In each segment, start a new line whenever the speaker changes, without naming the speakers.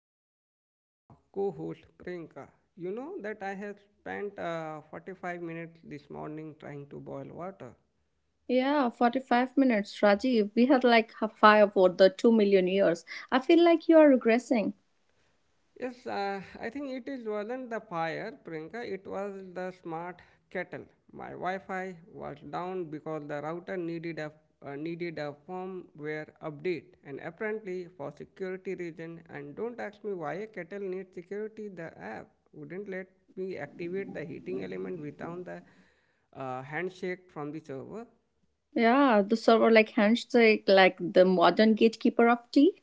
with my co-host Priyanka. You know that I have spent 45 minutes this morning trying to boil water.
Yeah, 45 minutes, Rajiv. We had like a five or the 2 million years. I feel like you are regressing.
Yes, I think it is wasn't the fire, Priyanka. It was the smart kettle. My Wi-Fi was down because the router needed a needed a firmware update, and apparently for security reason. And don't ask me why a kettle needs security. The app wouldn't let me activate the heating element without the handshake from the server.
Yeah, the server like handshake, like the modern gatekeeper of tea.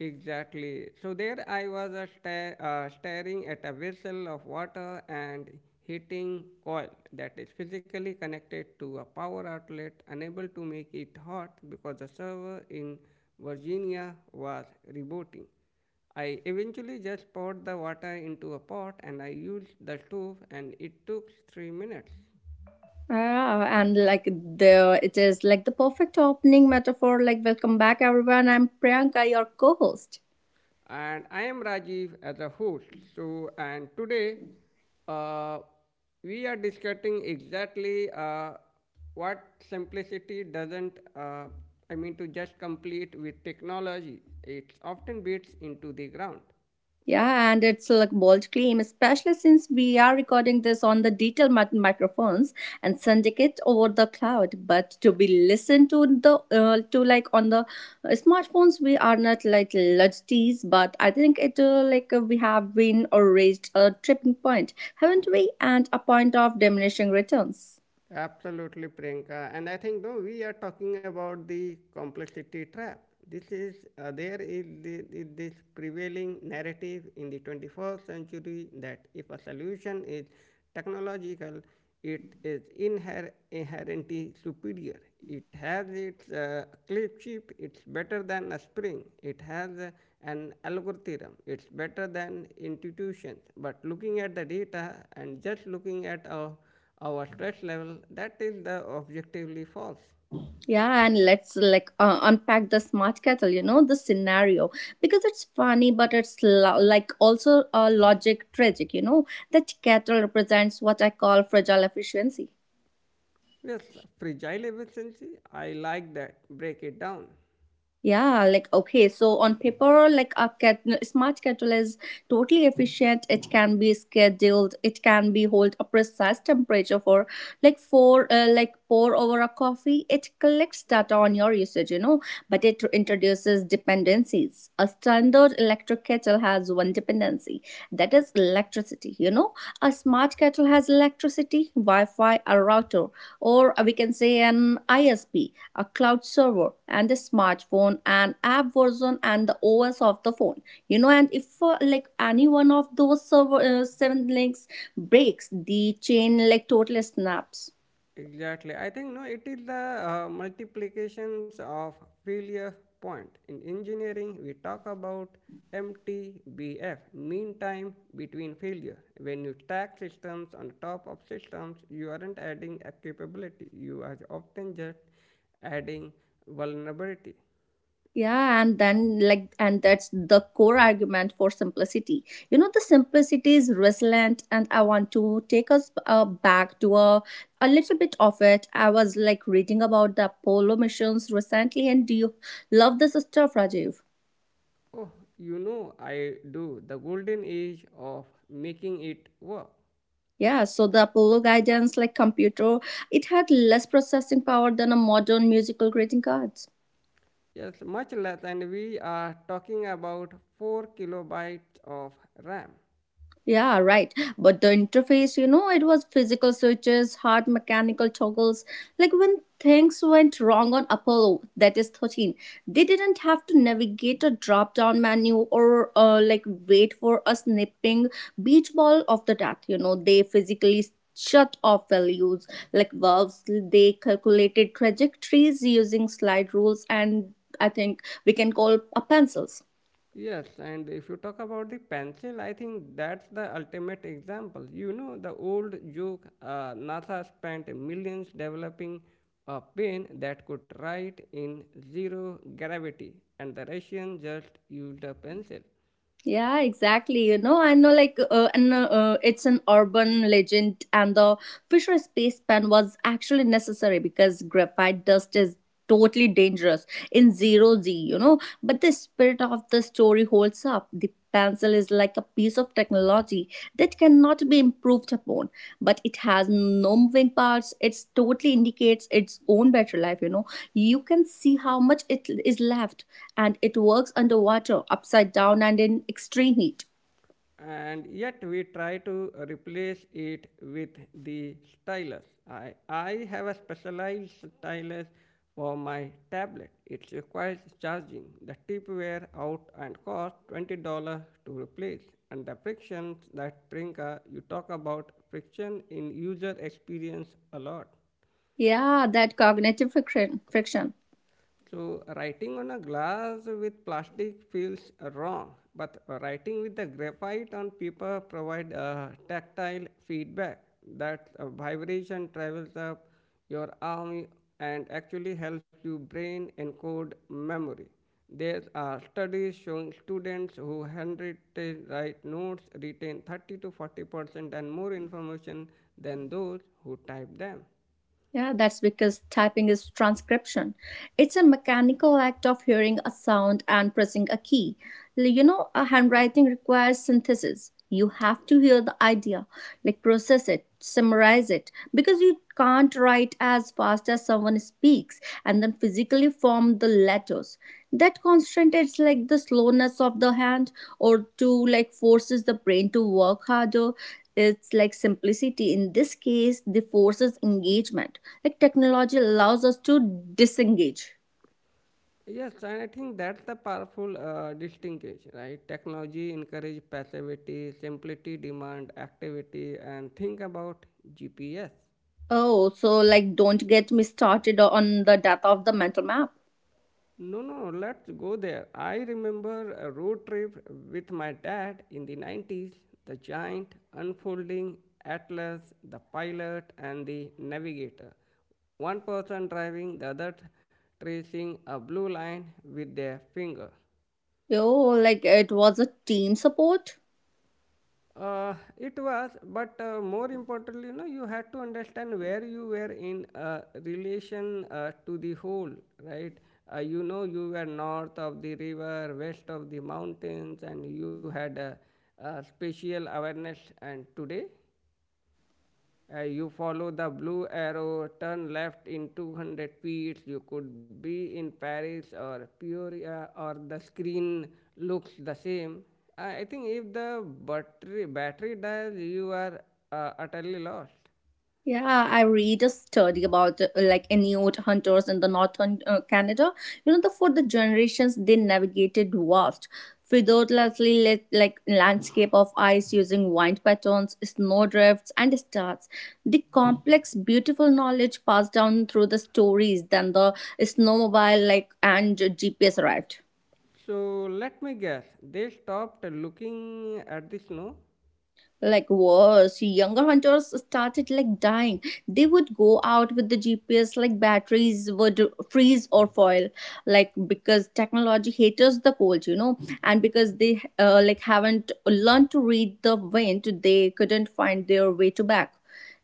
Exactly. So there I was staring at a vessel of water and heating coil that is physically connected to a power outlet, unable to make it hot because the server in Virginia was rebooting. I eventually just poured the water into a pot and I used the stove and it took 3 minutes.
Yeah, and like the it is like the perfect opening metaphor. Like, welcome back, everyone. I'm Priyanka, your co-host.
And I am Rajiv as a host. So, and today uh, we are discussing exactly what simplicity doesn't, I mean, to just complete with technology, it often beats into the ground.
Yeah, and it's like bold claim, especially since we are recording this on the detail microphones and sending it over the cloud. But to be listened to the to like on the smartphones, we are not like luddites, but I think it like we have been or raised a tripping point, haven't we? And a point of diminishing returns.
Absolutely, Priyanka. And I think no, we are talking about the complexity trap. This is there is this prevailing narrative in the 21st century that if a solution is technological, it is inherently superior. It has its clip chip. It's better than a spring. It has an algorithm. It's better than institutions. But looking at the data and just looking at our stress level, that is the objectively false.
Yeah, and let's like unpack the smart kettle, you know, the scenario because it's funny, but it's like also a logic tragic, you know. That kettle represents what I call fragile efficiency.
Yes, fragile efficiency, I like that. Break it down.
Yeah, like okay, so on paper, like a cat, no, smart kettle is totally efficient. It can be scheduled. It can be hold a precise temperature for like pour over a coffee. It collects data on your usage, you know, but it introduces dependencies. A standard electric kettle has one dependency, that is electricity, you know. A smart kettle has electricity, wi-fi, a router, or we can say an isp, a cloud server, and the smartphone and app version and the os of the phone, you know. And if like any one of those server seven links breaks, the chain like totally snaps.
Exactly. I think no, it is the multiplications of failure point. In engineering, we talk about MTBF, mean time between failure. When you stack systems on top of systems, you aren't adding a capability. You are often just adding vulnerability.
Yeah, and then like, and that's the core argument for simplicity. You know, the simplicity is resilient, and I want to take us back to a little bit of it. I was like reading about the Apollo missions recently, and do you love this stuff, Rajiv?
Oh, you know I do. The golden age of making it work.
Yeah, so the Apollo guidance, like computer, it had less processing power than a modern musical greeting cards.
Yes, much less, and we are talking about 4 kilobytes of RAM.
Yeah, right. But the interface, you know, it was physical switches, hard mechanical toggles. Like when things went wrong on Apollo, that is 13, they didn't have to navigate a drop down menu or like wait for a snipping beach ball of the death. You know, they physically shut off values like valves. They calculated trajectories using slide rules and I think we can call pencils.
Yes, and if you talk about the pencil, I think that's the ultimate example. You know, the old joke NASA spent millions developing a pen that could write in zero gravity, and the Russians just used a pencil.
Yeah, exactly. You know, I know, like, and it's an urban legend, and the Fisher space pen was actually necessary because graphite dust is totally dangerous in zero G, you know. But the spirit of the story holds up. The pen's Pencil is like a piece of technology that cannot be improved upon, but it has no moving parts. It totally indicates its own better life. You know, you can see how much it is left, and it works underwater, upside down, and in extreme heat.
And yet we try to replace it with the stylus. I have a specialized stylus for my tablet. It requires charging. The tip wear out and cost $20 to replace. And the frictions that Prinka, you talk about friction in user experience a lot.
Yeah, that cognitive friction. Friction.
So, writing on a glass with plastic feels wrong, but writing with the graphite on paper provide a tactile feedback. That vibration travels up your arm and actually helps your brain encode memory. There are studies showing students who handwritten write notes retain 30 to 40% and more information than those who type them.
Yeah, that's because typing is transcription. It's a mechanical act of hearing a sound and pressing a key. You know, a handwriting requires synthesis. You have to hear the idea, like process it, summarize it, because you can't write as fast as someone speaks and then physically form the letters. That constraint is like the slowness of the hand or to like forces the brain to work harder. It's like simplicity, in this case, the forces engagement. Like technology allows us to disengage.
Yes, and I think that's the powerful distinction, right? Technology encourage passivity, simplicity demand activity, and think about GPS.
Oh, so like don't get me started on the death of the mental map.
No, no, let's go there. I remember a road trip with my dad in the 90s, the giant unfolding atlas, the pilot, and the navigator. One person driving, the other tracing a blue line with their finger.
Oh, like it was a team support.
It was, but more importantly, you know, you had to understand where you were in relation to the whole, right? You know, you were north of the river, west of the mountains, and you had a spatial awareness. And today, you follow the blue arrow, turn left in 200 feet. You could be in Paris or Peoria, or the screen looks the same. I think if the battery dies, you are utterly lost.
Yeah, I read a study about like Inuit hunters in the northern Canada. You know, the for the generations they navigated vast, fiddlelessly like landscape of ice using wind patterns, snowdrifts, and stars. The complex, beautiful knowledge passed down through the stories. Then the snowmobile like and GPS arrived.
So let me guess, they stopped looking at the snow?
Like worse younger hunters started like dying. They would go out with the GPS, like batteries would freeze or foil, like because technology haters the cold, you know. And because they like haven't learned to read the wind, they couldn't find their way to back.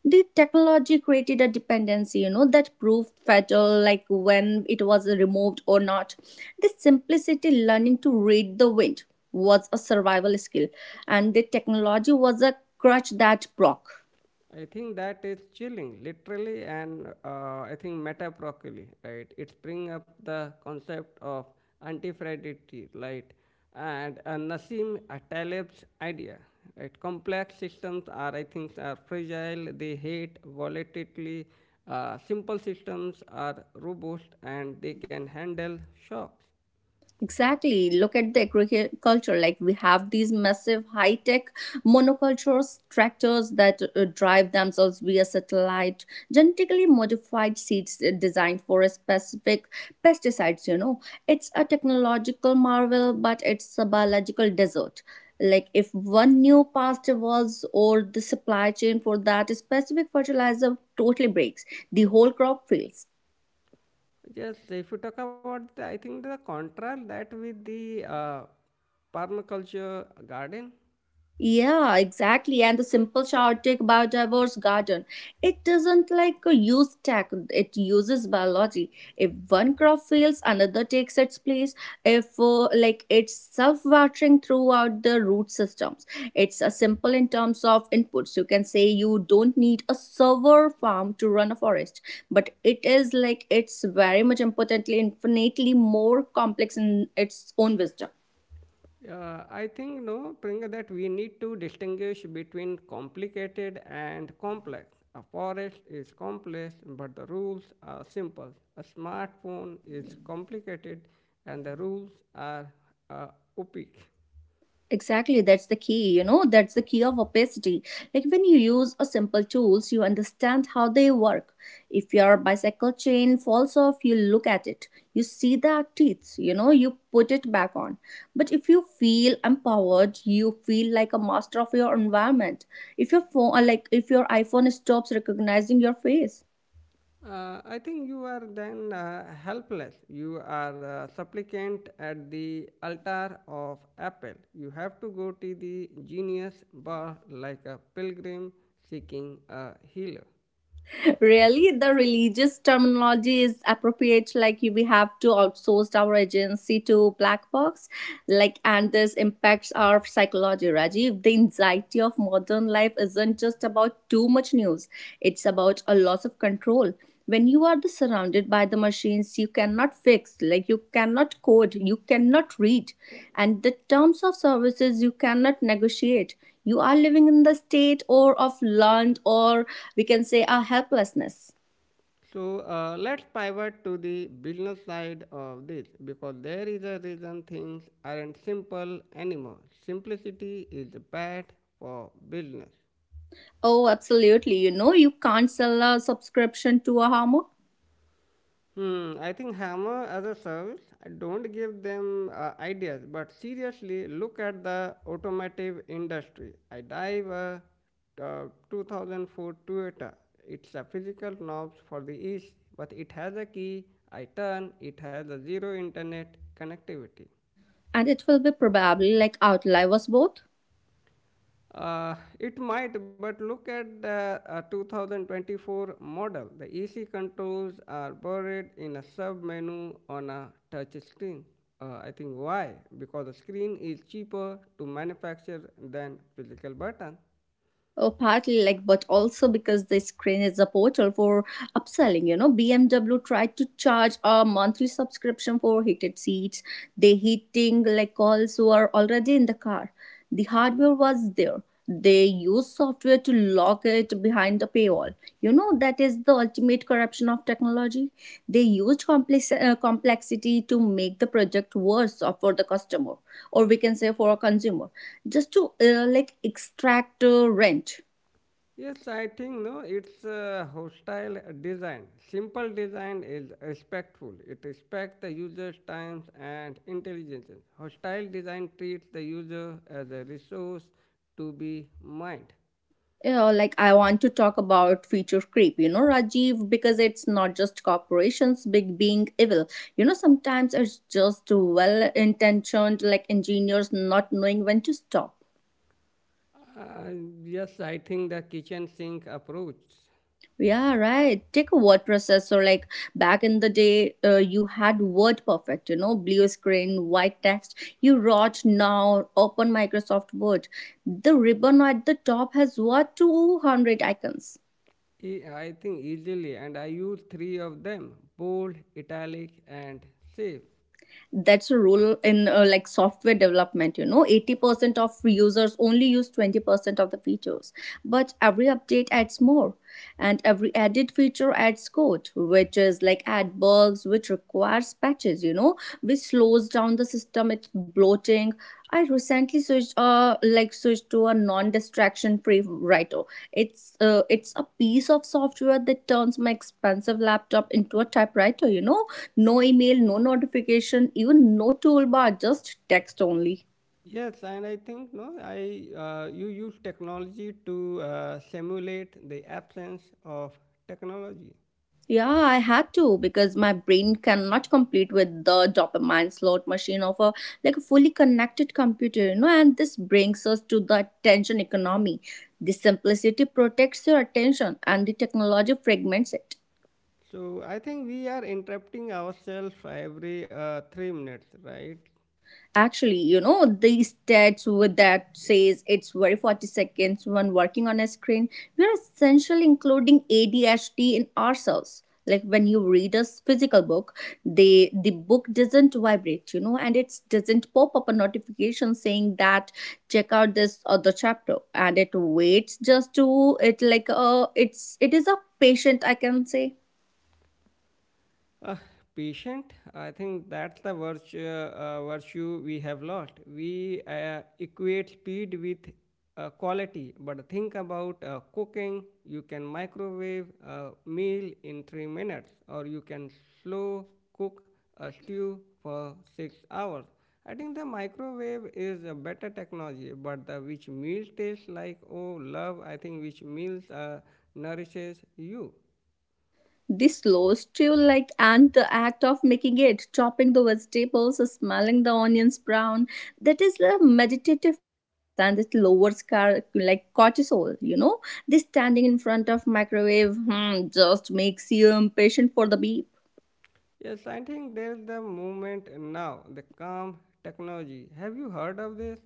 The technology created a dependency, you know, that proved fatal, like when it was removed or not. This simplicity, learning to read the wind, was a survival skill, and the technology was a crutch that broke.
I think that is chilling, literally and I think metaphorically, right? It's bring up the concept of antifragility, right? And Nassim Taleb's idea, right? Complex systems are, I think, are fragile. They hate volatility. Simple systems are robust and they can handle shocks.
Exactly. Look at the agriculture. Like we have these massive high tech monocultures, tractors that drive themselves via satellite, genetically modified seeds designed for a specific pesticides. You know, it's a technological marvel, but it's a biological desert. Like if one new past evolves or the supply chain for that specific fertilizer totally breaks, the whole crop fails.
Just if you talk about, the, I think the contrast that with the permaculture garden.
Yeah, exactly. And the simple Chaotic Biodiverse Garden, it doesn't like a use tech, it uses biology. If one crop fails, another takes its place. If like it's self watering throughout the root systems, it's a simple in terms of inputs. You can say you don't need a server farm to run a forest, but it is like it's very much importantly, infinitely more complex in its own wisdom.
I think no, Pringa, that we need to distinguish between complicated and complex. A forest is complex, but the rules are simple. A smartphone is complicated, and the rules are uh, opaque.
Exactly, that's the key, you know, that's the key of opacity. Like when you use a simple tools, you understand how they work. If your bicycle chain falls off, you look at it. You see the teeth, you know, you put it back on. But if you feel empowered, you feel like a master of your environment. If your phone like if your iPhone stops recognizing your face,
I think you are then helpless. You are a supplicant at the altar of Apple. You have to go to the genius bar like a pilgrim seeking a healer.
really the religious terminology is appropriate. Like we have to outsource our agency to black box. Like and this impacts our psychology, Rajiv. The anxiety of modern life isn't just about too much news, it's about a loss of control. When you are the surrounded by the machines you cannot fix, like you cannot code, you cannot read and the terms of services, you cannot negotiate, you are living in the state or of learned or we can say a helplessness.
So let's pivot to the business side of this because there is a reason things aren't simple anymore. Simplicity is bad for business.
Oh, absolutely. You know, you can't sell a subscription to a hammer.
Hmm, I think Hammer as a service, I don't give them ideas, but seriously, look at the automotive industry. I dive a uh, 2004 Toyota. It's a physical knobs for the east, but it has a key. I turn. It has a zero internet connectivity.
And it will be probably like outlive us both.
It might, but look at the 2024 model. The easy controls are buried in a sub menu on a touch screen. I think why? Because the screen is cheaper to manufacture than physical button.
Oh, partly like, but also because the screen is a portal for upselling. You know, BMW tried to charge a monthly subscription for heated seats. The heating like coils were already in the car. The hardware was there. They used software to lock it behind a paywall. You know, that is the ultimate corruption of technology. They used complex, complexity to make the project for the customer, or we can say for a consumer, just to like extract rent.
Yes, I think no. It's a hostile design. Simple design is respectful. It respects the user's time and intelligence. Hostile design treats the user as a resource to be mined.
You know, like I want to talk about feature creep, you know, Rajiv, because it's not just corporations big being evil. You know, sometimes it's just well intentioned, like engineers not knowing when to stop.
Uh, yes, I think the kitchen sink approach.
Yeah, right. Take a word processor. Like back in the day, you had Word Perfect, you know, blue screen, white text. You wrote now, open Microsoft Word. The ribbon at the top has what, 200 icons.
I think easily, and I use three of them: bold, italic, and save.
That's a rule in like software development, you know, 80% of users only use 20% of the features, but every update adds more, and every added feature adds code, which is like add bugs, which requires patches, you know, which slows down the system stomach bloating. I recently switched switched to a non-distraction free writer. It's a piece of software that turns my expensive laptop into a typewriter, you know? No email, no notification, even no toolbar, just text only.
Yes, and I think no, I you use technology to simulate the absence of technology.
Yeah, I had to because my brain cannot compete with the dopamine slot machine of a like a fully connected computer, you know. And this brings us to the attention economy. The simplicity protects your attention, and the technology fragments it.
So I think we are interrupting ourselves every 3 minutes, right?
Actually, you know, these stats with that says it's very 40 seconds when working on a screen, we are essentially including ADHD in ourselves. Like when you read a physical book, they the book doesn't vibrate, you know, and it doesn't pop up a notification saying that check out this other chapter, and it waits just to it like it is a patient I can say.
Uh, patient, I think that's the virtue, virtue we have lost. We equate speed with quality, but think about cooking. You can microwave a meal in 3 minutes, or you can slow cook a stew for 6 hours. I think the microwave is a better technology, but the which meal tastes like, oh, love, I think which meals nourishes you.
This slow stew, like, and the act of making it, chopping the vegetables, smelling the onions brown, that is a meditative process, and it lowers like cortisol. You know, this standing in front of microwave just makes you impatient for the beep.
Yes, I think there's the movement now, the calm technology. Have you heard of this?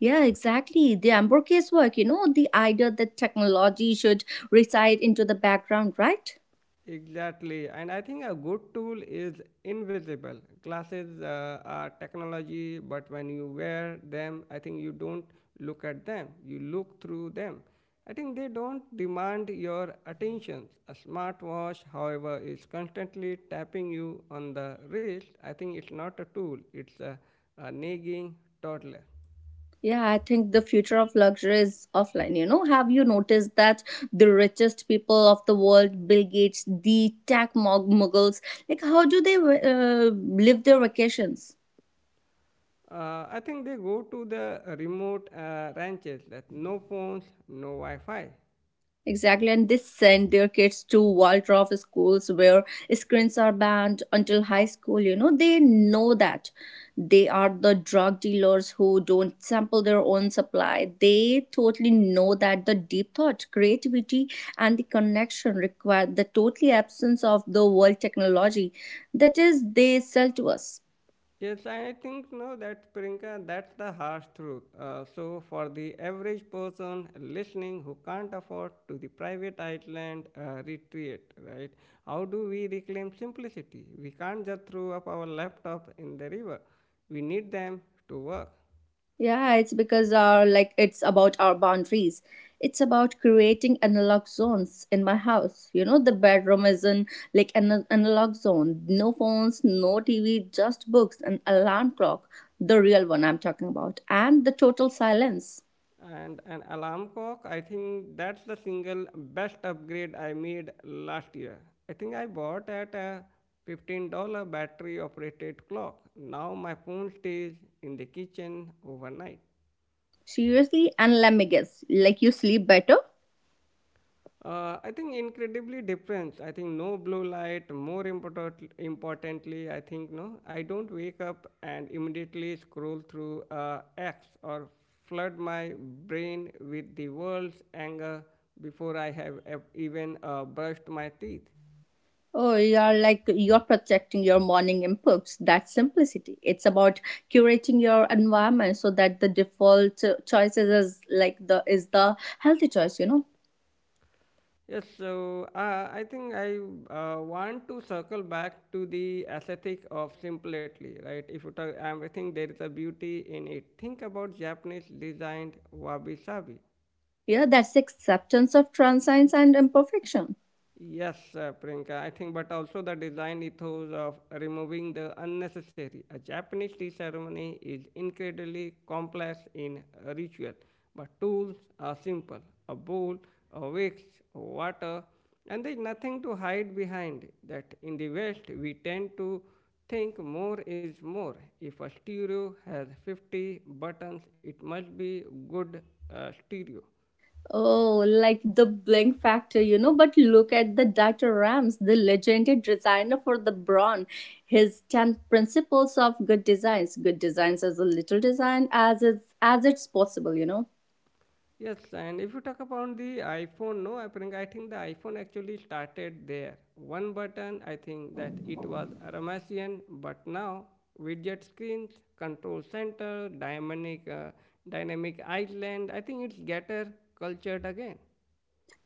Yeah, exactly. The Amber case work, you know, the idea that technology should reside into the background, right?
Exactly. And I think a good tool is invisible. Glasses are technology, but when you wear them, I think you don't look at them, you look through them. I think they don't demand your attention. A smartwatch, however, is constantly tapping you on the wrist. I think it's not a tool, it's a nagging toddler.
Yeah, I think the future of luxury is offline. You know, have you noticed that the richest people of the world, Bill Gates, the tech muggles, like how do they live their vacations?
I think they go to the remote ranches that no phones, no Wi-Fi.
Exactly, and they send their kids to walled-off schools where screens are banned until high school. You know, they know that they are the drug dealers who don't sample their own supply. They totally know that the deep thought, creativity, and the connection require the totally absence of the world technology that is they sell to us.
Yes, I think no, that Priyanka, that's the harsh truth. So for the average person listening who can't afford to the private island retreat, right? How do we reclaim simplicity? We can't just throw up our laptop in the river. We need them to work.
Yeah, it's because our like it's about our boundaries. It's about creating analog zones in my house. You know, the bedroom is in like an analog zone. No phones, no TV, just books, an alarm clock, the real one I'm talking about, and the total silence.
And an alarm clock, I think that's the single best upgrade I made last year. I think I bought at a $15 battery operated clock. Now my phone stays in the kitchen overnight.
Seriously, and let me guess, like you sleep better?
I think incredibly different. I think no blue light. More importantly, I think no. I don't wake up and immediately scroll through X or flood my brain with the world's anger before I have even brushed my teeth.
Oh, you're like you're protecting your morning inputs. That's simplicity. It's about curating your environment so that the default choices is like the is the healthy choice. You know,
Yes, so I think I want to circle back to the aesthetic of simplicity, right? If you talk, I think there is a beauty in it. Think about Japanese designed wabi sabi.
yeah, that's acceptance of transience and imperfection.
Yes, Priyanka, I think, but also the design ethos of removing the unnecessary. A Japanese tea ceremony is incredibly complex in ritual, but tools are simple: a bowl, a wax, water, and there is nothing to hide behind. That in the West, we tend to think more is more. If a stereo has 50 buttons, it must be good stereo.
Oh, like the blink factor, you know. But look at the Dr. Rams, the legendary designer for the Braun. His ten principles of good designs. Good designs is a little design as it's possible, you know.
Yes, and if you talk about the iPhone, no, I think the iPhone actually started there. One button, I think that it was Ramasian, but now widget screens, control center, dynamic island. I think it's getter cultured again.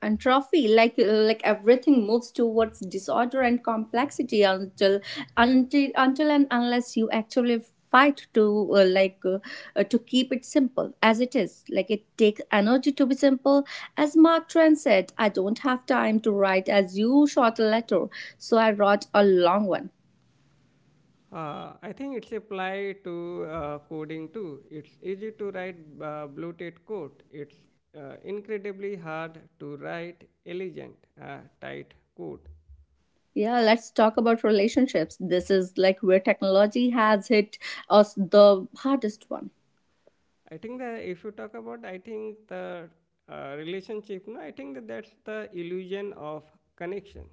And trophy like everything moves towards disorder and complexity until until and unless you actually fight to uh, like uh, to keep it simple as it is like it takes energy to be simple as Mark Twain said, I don't have time to write as you short a letter, so I wrote a long one.
I think it's applied to coding too. It's easy to write bloated code. It's incredibly hard to write elegant, tight code.
Yeah, let's talk about relationships. This is like where technology has hit us the hardest one.
I think that if you talk about, I think the relationship, no, I think that that's the illusion of connection.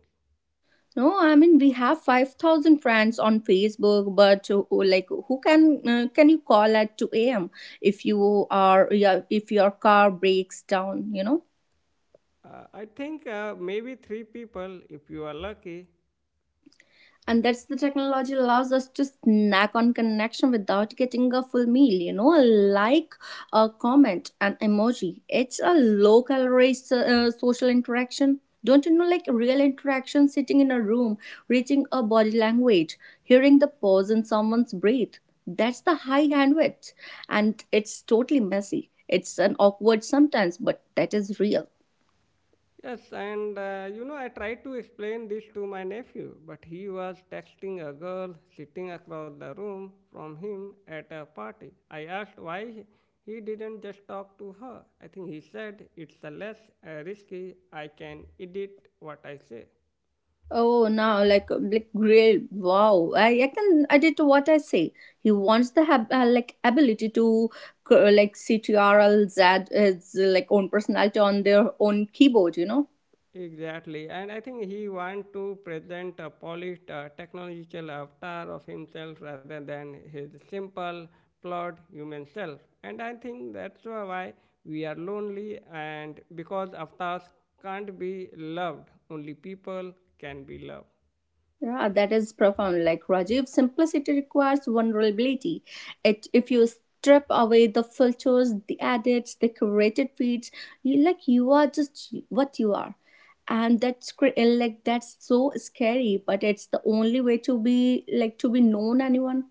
No, I mean we have 5,000 friends on Facebook, but like who can you call at two a.m. if you are yeah, if your car breaks down? You know.
I think maybe three people, if you are lucky.
And that's the technology allows us to snack on connection without getting a full meal, you know, like a comment, an emoji, it's a low calorie social interaction. Don't you know, like real interaction, sitting in a room, reading a body language, hearing the pause in someone's breath, that's the high bandwidth, and it's totally messy, it's an awkward sometimes, but that is real.
Yes, and you know, I tried to explain this to my nephew, but he was texting a girl sitting across the room from him at a party. I asked why he didn't just talk to her. I think he said it's a less risky, I can edit what I say.
Oh, now like great! Wow, I can edit what I say. He wants the like ability to like CTRL Z his like own personality on their own keyboard. You know.
Exactly, and I think he want to present a polished technological avatar of himself rather than his simple, flawed human self. And I think that's why we are lonely, and because avatars can't be loved, only people can be loved.
Yeah, that is profound. Like Rajiv, simplicity requires vulnerability. It, if you strip away the filters, the edits, the curated feeds, you like you are just what you are, and that's like that's so scary. But it's the only way to be like to be known anyone.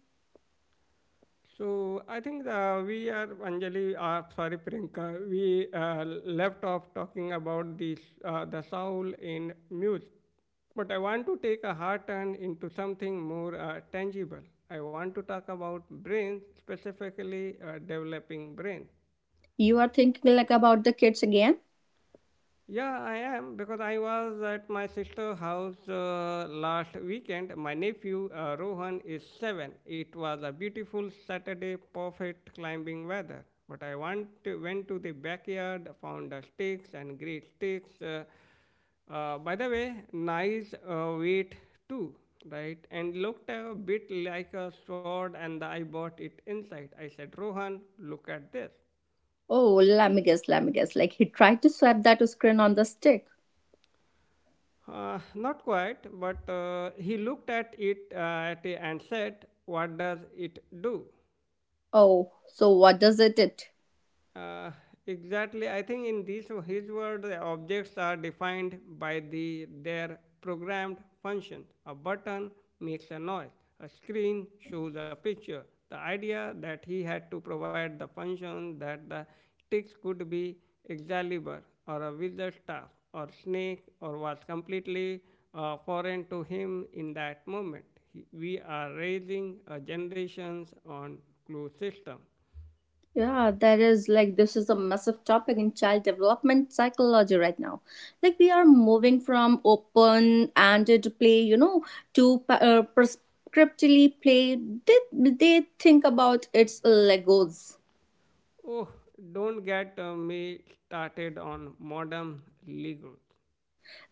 So I think we are Anjali, sorry Priyanka, we left off talking about this the soul in music, but I want to take a hard turn into something more tangible. I want to talk about brains, specifically developing brain.
You are thinking like about the kids again.
Yeah, I am because I was at my sister's house last weekend. My nephew Rohan is 7. It was a beautiful Saturday, perfect climbing weather. But I want to, Went to the backyard, found the sticks and great sticks. By the way, nice weight too, right? And looked a bit like a sword, and I bought it inside. I said, Rohan, look at this.
Oh, let me guess, let me guess. Like he tried to swipe that screen on the stick.
Not quite, but he looked at it and said, what does it do?
Oh, so what does it?
Uh, exactly. I think in these his word, the objects are defined by the their programmed function. A button makes a noise. A screen shows a picture. The idea that he had to provide the function that the sticks could be Excalibur or a wizard staff or snake or was completely foreign to him in that moment. He, we are raising generations on clue system.
Yeah, that is like this is a massive topic in child development psychology right now. Like we are moving from open-ended play, you know, to prescriptively play. They think about its Legos.
Oh, don't get me started on modern Legos.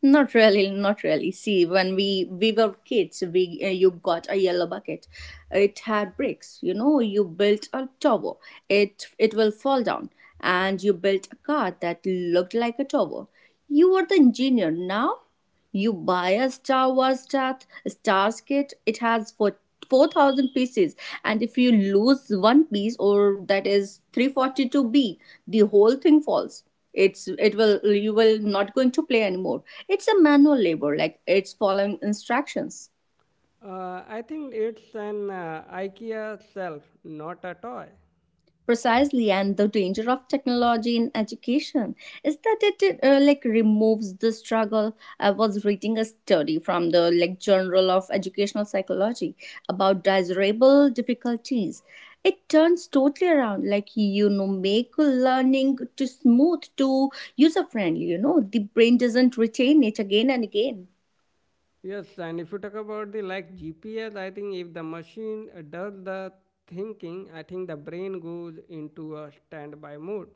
Not really, not really. See, when we were kids, we you got a yellow bucket. It had bricks. You know, you built a tower. It will fall down, and you built a car that looked like a tower. You were the engineer now. You buy a Star Wars stat, Stars kit, it has for 4,000 pieces, and if you lose one piece, or that is 342B, the whole thing falls. It's it will you will not going to play anymore. It's a manual labor, like it's following instructions.
I think it's an IKEA shelf, not a toy.
Precisely, and the danger of technology in education is that it like removes the struggle. I was reading a study from the like Journal of Educational Psychology about desirable difficulties. It turns totally around, like, you know, make learning to smooth to user friendly, you know, the brain doesn't retain it again and again.
Yes, and if you talk about the like GPS, I think if the machine does the thinking, I think the brain goes into a standby mode.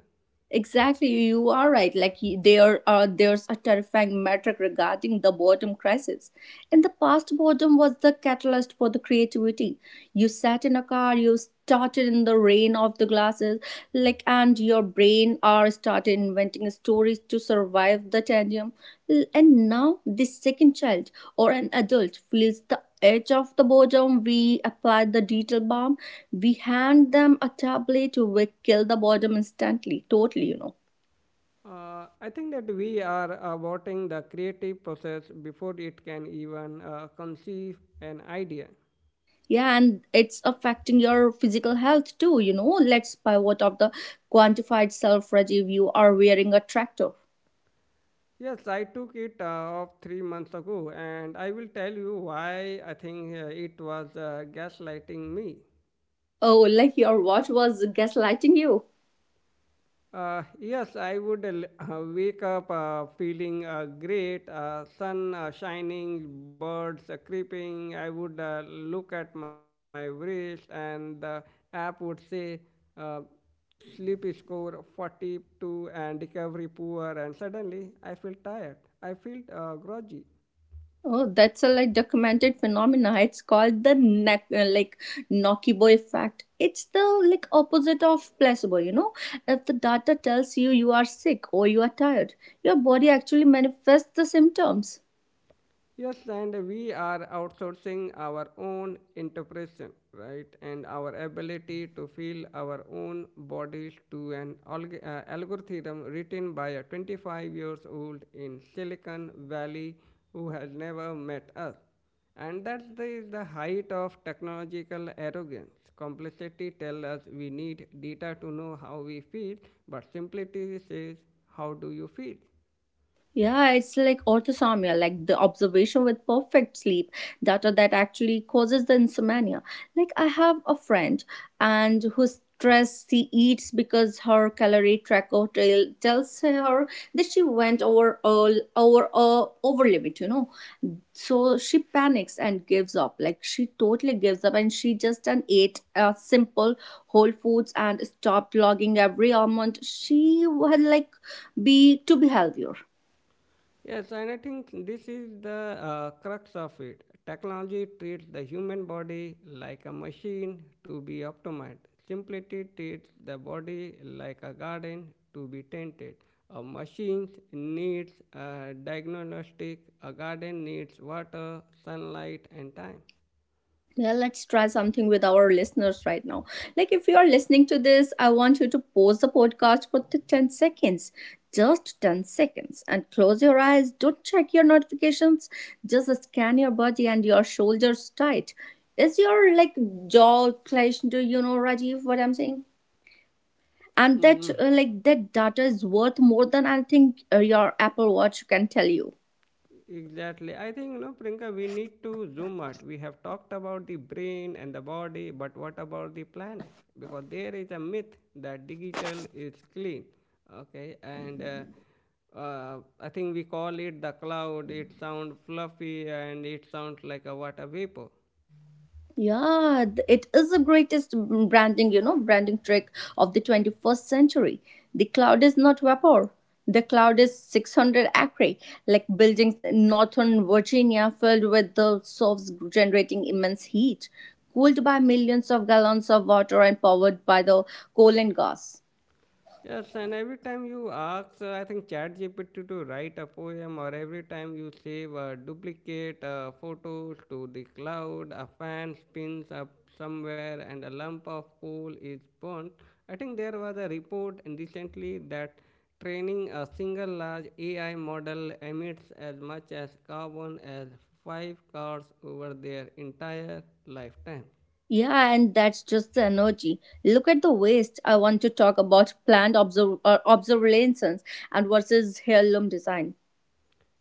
Exactly, you are right. Like there are there's a terrifying metric regarding the boredom crisis. In the past, boredom was the catalyst for the creativity. You sat in a car, you started in the rain of the glasses, like and your brain are started inventing stories to survive the tedium. And now, this second child or an adult feels the edge of the bottom, we apply the detail balm. We hand them a tablet, we kill the bottom instantly, totally, you know.
I think that we are aborting the creative process before it can even conceive an idea.
Yeah, and it's affecting your physical health too, you know. Let's pivot of the quantified self review. You are wearing a tractor.
Yes, I took it off 3 months ago, and I will tell you why I think it was gaslighting me.
Oh, like your watch was gaslighting you.
Yes, I would wake up feeling great, sun shining, birds creeping. I would look at my wrist, and the app would say, uh, sleep score 42 and recovery poor, and suddenly I feel tired. I feel groggy.
Oh, that's a like documented phenomena. It's called the like Nokibo effect. It's the like opposite of placebo. You know, if the data tells you you are sick or you are tired, your body actually manifests the symptoms.
Yes, and we are outsourcing our own interpretation, right? And our ability to feel our own bodies to an algorithm written by a 25 years old in Silicon Valley who has never met us. And that's the height of technological arrogance. Complexity tells us we need data to know how we feel, but simplicity says, how do you feel?
Yeah, it's like orthosomnia, like the observation with perfect sleep data that actually causes the insomnia. Like I have a friend and who's stressed she eats because her calorie tracker tells her that she went over all over over limit, you know. So she panics and gives up. Like she totally gives up and she just an ate simple whole foods and stopped logging every almond. She had like be to be healthier.
Yes, and I think this is the crux of it. Technology treats the human body like a machine to be optimized. Simplicity treats the body like a garden to be tended. A machine needs a diagnostic, a garden needs water, sunlight, and time.
Yeah, let's try something with our listeners right now. Like, if you are listening to this, I want you to pause the podcast for the 10 seconds. Just 10 seconds. And close your eyes. Don't check your notifications. Just scan your body and your shoulders tight. Is your like jaw clenched? Do you know, Rajiv, what I'm saying? And that
Mm-hmm.
like that data is worth more than anything your Apple Watch can tell you.
Exactly. I think, you know, Priyanka, we need to zoom out. We have talked about the brain and the body, but what about the planet? Because there is a myth that digital is clean. Okay. And I think we call it the cloud. It sounds fluffy and it sounds like a water vapor.
Yeah, it is the greatest branding, you know, branding trick of the 21st century. The cloud is not vapor. The cloud is 600-acre, like buildings in northern Virginia filled with the source generating immense heat, cooled by millions of gallons of water and powered by the coal and gas.
Yes, and every time you ask, I think ChatGPT to write a poem, or every time you save a duplicate photos to the cloud, a fan spins up somewhere, and a lump of coal is burnt. I think there was a report in recently that training a single large AI model emits as much as carbon as 5 cars over their entire lifetime.
Yeah, and that's just the energy. Look at the waste. I want to talk about planned obsolescence and versus heirloom design.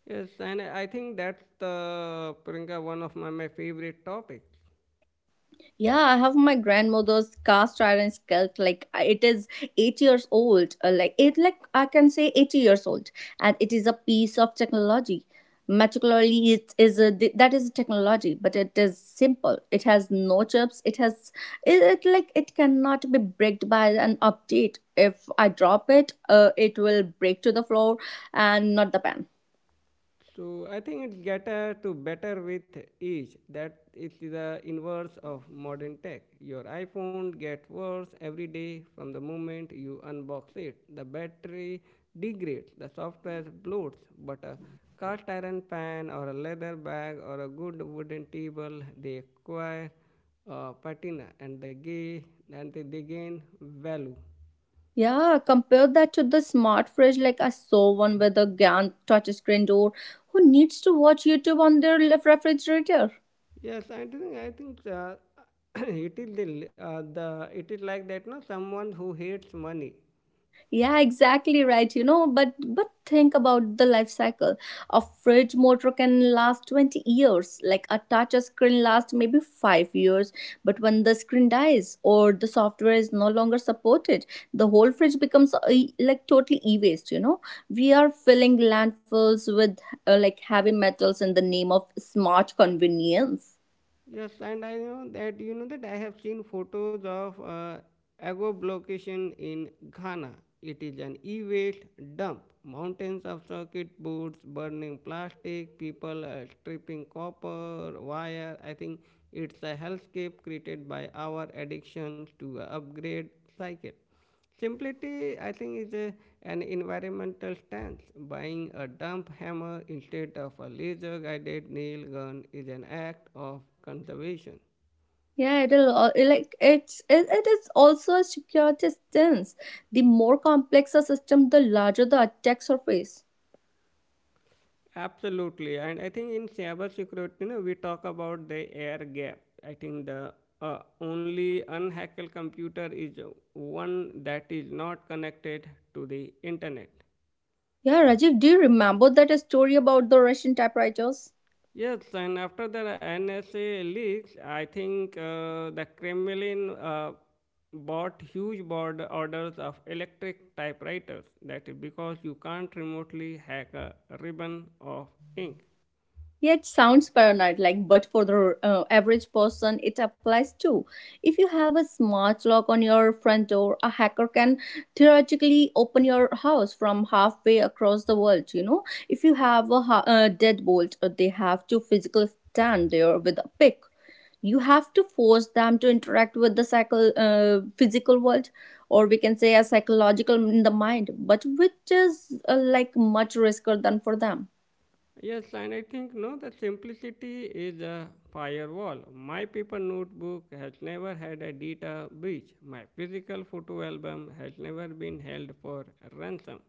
Yes, and I think that's the Priyanka, one of my favorite topics.
Yeah, I have my grandmother's cast iron skillet. Like it is 8 years old. Like it, like I can say 80 years old, and it is a piece of technology. Meticulously, it is a that is a technology, but it is simple. It has no chips. It has it, it like it cannot be bricked by an update. If I drop it, it will break to the floor and not the pan.
So I think it's better to better with each. That is the inverse of modern tech. Your iPhone gets worse every day from the moment you unbox it. The battery degrades, the software bloats, but a cast iron pan or a leather bag or a good wooden table they acquire patina and they gain value.
Yeah, compare that to the smart fridge. Like I saw one with a giant touchscreen door. Who needs to watch YouTube on their refrigerator?
Yes, I think it is the it is like that no someone who hates money.
Yeah, exactly, right, you know, but think about the life cycle. A fridge motor can last 20 years, like a touch screen lasts maybe 5 years, but when the screen dies or the software is no longer supported, the whole fridge becomes a, like totally e-waste, you know, we are filling landfills with like heavy metals in the name of smart convenience.
Yes, and I know that you know that I have seen photos of Ago location in Ghana. It is an e-waste dump. Mountains of circuit boards, burning plastic, people stripping copper wire. I think it's a hellscape created by our addiction to a upgrade cycle. Simplicity, I think, is an environmental stance. Buying a dump hammer instead of a laser guided nail gun is an act of conservation.
Yeah, it like it's it, it is also a secure distance. The more complex a system, the larger the attack surface.
Absolutely, and I think in cybersecurity, you know, we talk about the air gap. I think the only unhackable computer is one that is not connected to the internet.
Yeah, Rajiv, do you remember that story about the Russian typewriters?
Yes, and after the NSA leaks, I think the Kremlin bought huge board orders of electric typewriters. That is because you can't remotely hack a ribbon of ink.
Yeah, it sounds paranoid, like, but for the average person, it applies too. If you have a smart lock on your front door, a hacker can theoretically open your house from halfway across the world. You know, if you have a, a deadbolt, they have to physically stand there with a pick. You have to force them to interact with the physical world, or we can say a psychological in the mind, but which is like much riskier than for them.
Yes, and I think no, the simplicity is a firewall. My paper notebook has never had a data breach. My physical photo album has never been held for ransom.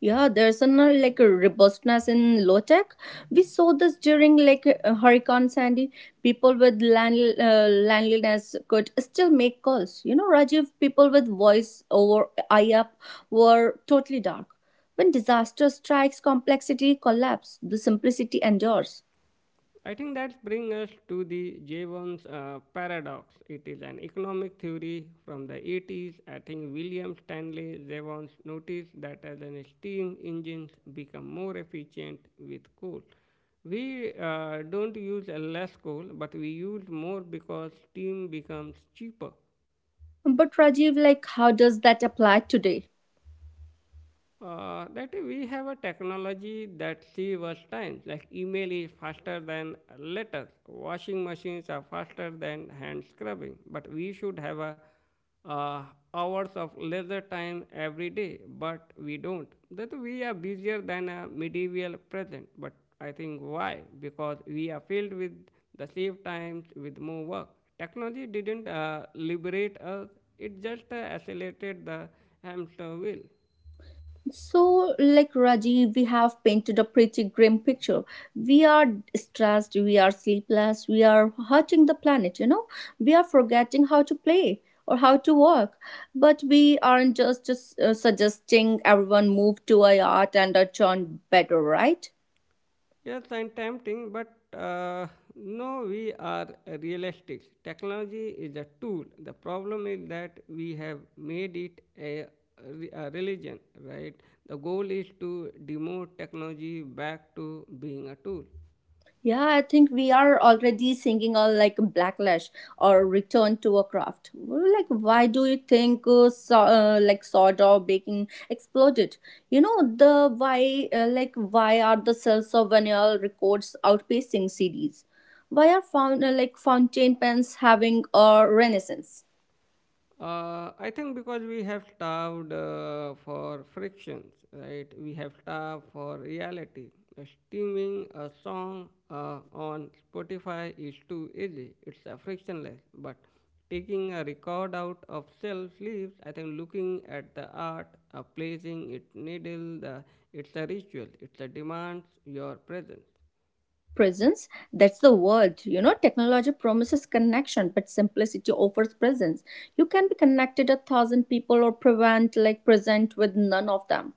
Yeah, there's an like a robustness in low tech. We saw this during like Hurricane Sandy. People with landliness could still make calls. You know, Rajiv, people with voice over IAP were totally dark. When disaster strikes, complexity collapse. The simplicity endures.
I think that brings us to the Jevons paradox. It is an economic theory from the 80s. I think William Stanley Jevons noticed that as an steam engines become more efficient with coal, we don't use less coal, but we use more because steam becomes cheaper.
But Rajiv, like, how does that apply today?
That we have a technology that saves us time. Like email is faster than letters, washing machines are faster than hand scrubbing. But we should have a uh, hours of leisure time every day, but we don't. That we are busier than a medieval present. But I think why? Because we are filled with the save times with more work. Technology didn't liberate us; it just accelerated the hamster wheel.
So, like Rajiv, we have painted a pretty grim picture. We are stressed, we are sleepless, we are hurting the planet, you know. We are forgetting how to play or how to work. But we aren't just suggesting everyone move to a yacht and a churn better, right?
Yes, and tempting, but uh, no, we are realistic. Technology is a tool. The problem is that we have made it a religion, right? The goal is to demote technology back to being a tool.
Yeah, I think we are already singing all like backlash or return to a craft. Well, like, why do you think like soda or baking exploded? You know the why like why are the sales of vinyl records outpacing CDs? Why are found like fountain pens having a renaissance?
I think because we have starved for frictions, right? We have starved for reality. Streaming a song on Spotify is too easy. It's frictionless. But taking a record out of self leaves, I think looking at the art, placing it needle, it's a ritual. It demands your presence.
Presence, that's the word, you know, technology promises connection but simplicity offers presence. You can be connected a thousand people or prevent like present with none of them.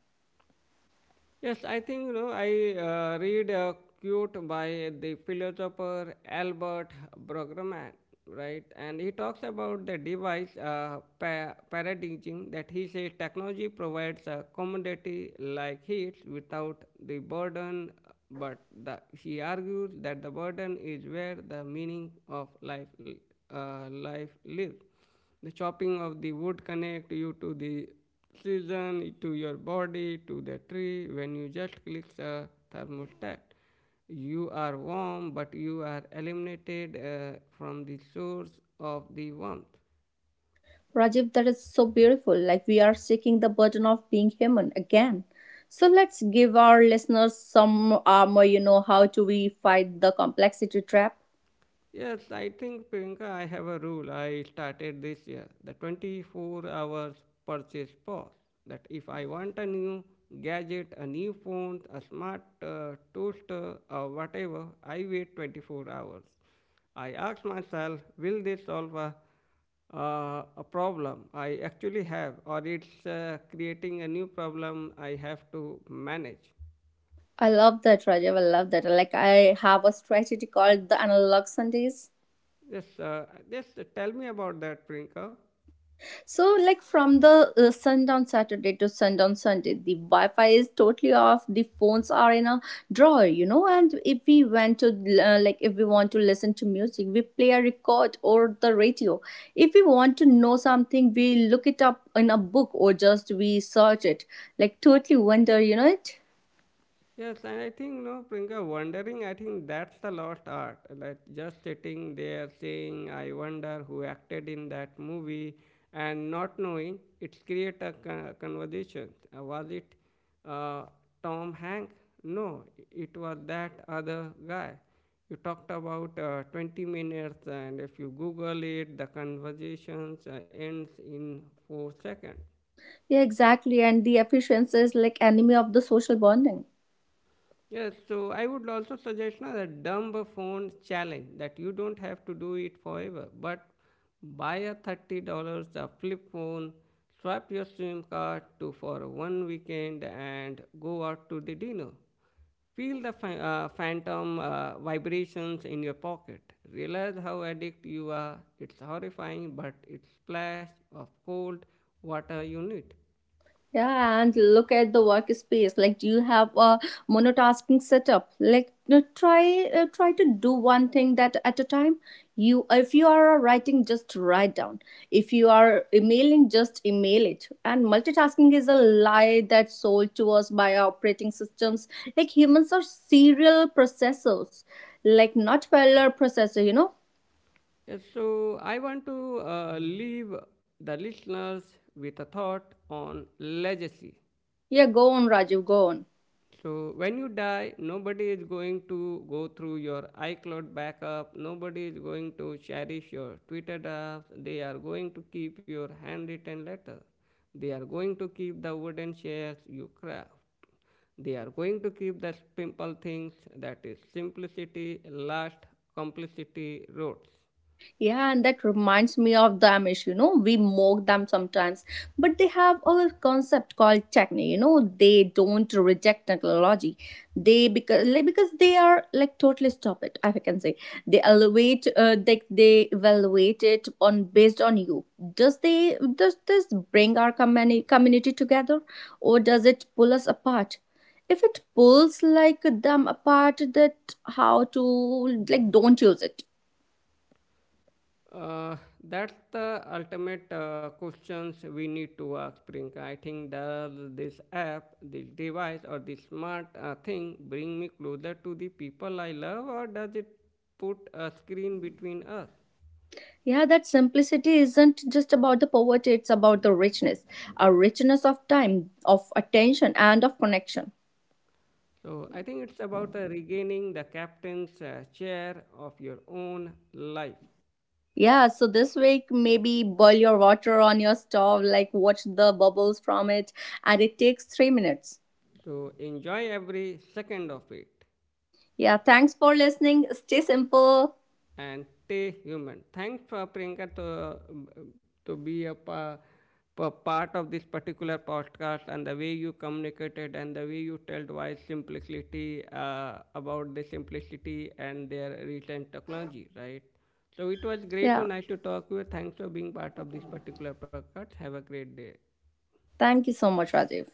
Yes, I think you know I read a quote by the philosopher Albert Bruggeman, right? And he talks about the device paradigm that he says technology provides a commodity like heat without the burden, but he argues that the burden is where the meaning of life lives. The chopping of the wood connect you to the season, to your body, to the tree. When you just click the thermostat, you are warm but you are eliminated from the source of the warmth.
Rajiv, that is so beautiful, like we are seeking the burden of being human again. So let's give our listeners some armor, you know, how to we fight the complexity trap.
Yes, I think Priyanka, I have a rule I started this year, the 24 hours purchase pause. That if I want a new gadget, a new phone, a smart toaster, or whatever, I wait 24 hours. I ask myself, will this solve a problem I actually have, or it's creating a new problem I have to manage?
I love that, Rajiv, I love that. Like I have a strategy called the analog Sundays.
Yes, just tell me about that, Priyanka.
So, like from the sundown Saturday to sundown Sunday, the Wi Fi is totally off. The phones are in a drawer, you know. And if we went to, like, if we want to listen to music, we play a record or the radio. If we want to know something, we look it up in a book or just we search it. Like, totally wonder, you know it?
Yes, and I think no, Priyanka, wondering. I think that's the lost art. Like just sitting there saying, "I wonder who acted in that movie," and not knowing, it create a conversation. Was it uh, Tom Hanks? No, it was that other guy. You talked about 20 minutes, and if you Google it, the conversations ends in 4 seconds.
Yeah, exactly. And the efficiency is like enemy of the social bonding.
Yes, so I would also suggest na, the dumb phone challenge that you don't have to do it forever, but buy a $30 a flip phone, swap your SIM card to for 1 weekend, and go out to the dinner. Feel the phantom vibrations in your pocket. Realize how addict you are. It's horrifying, but it's splash of cold water you need.
Yeah, and look at the workspace. Like, do you have a monotasking setup? Like, try to do one thing that at a time. You, if you are writing, just write down. If you are emailing, just email it. And multitasking is a lie that's sold to us by our operating systems. Like humans are serial processors, like not parallel processor. You know?
Yes, so I want to leave the listeners with a thought on legacy.
Yeah, go on, Rajiv. Go on.
So when you die, nobody is going to go through your iCloud backup. Nobody is going to cherish your Twitter drafts. They are going to keep your handwritten letter. They are going to keep the wooden chairs you craft. They are going to keep the simple things. That is simplicity, last, complicity, roots.
Yeah, and that reminds me of the Amish, you know, we mock them sometimes, but they have a concept called techne, you know, they don't reject technology. They because like, because they are like totally stop it, if I can say. They elevate they evaluate it on based on you. Does they does this bring our community together or does it pull us apart? If it pulls like them apart that how to like don't use it.
Uh, that's the ultimate questions we need to ask, Priyanka. I think does this app, this device, or this smart thing bring me closer to the people I love, or does it put a screen between us?
Yeah, that simplicity isn't just about the poverty, it's about the richness, a richness of time, of attention, and of connection.
So I think it's about regaining the captain's chair of your own life.
Yeah, so this week, maybe boil your water on your stove, like watch the bubbles from it, and it takes 3 minutes.
So enjoy every second of it.
Yeah, thanks for listening. Stay simple.
And stay human. Thanks for Priyanka to be part of this particular podcast and the way you communicated and the way you told why simplicity about the simplicity and their recent technology, right? So it was great
Yeah,
to nice to talk with you. Thanks for being part of this particular podcast. Have a great day.
thank you so much, Rajiv.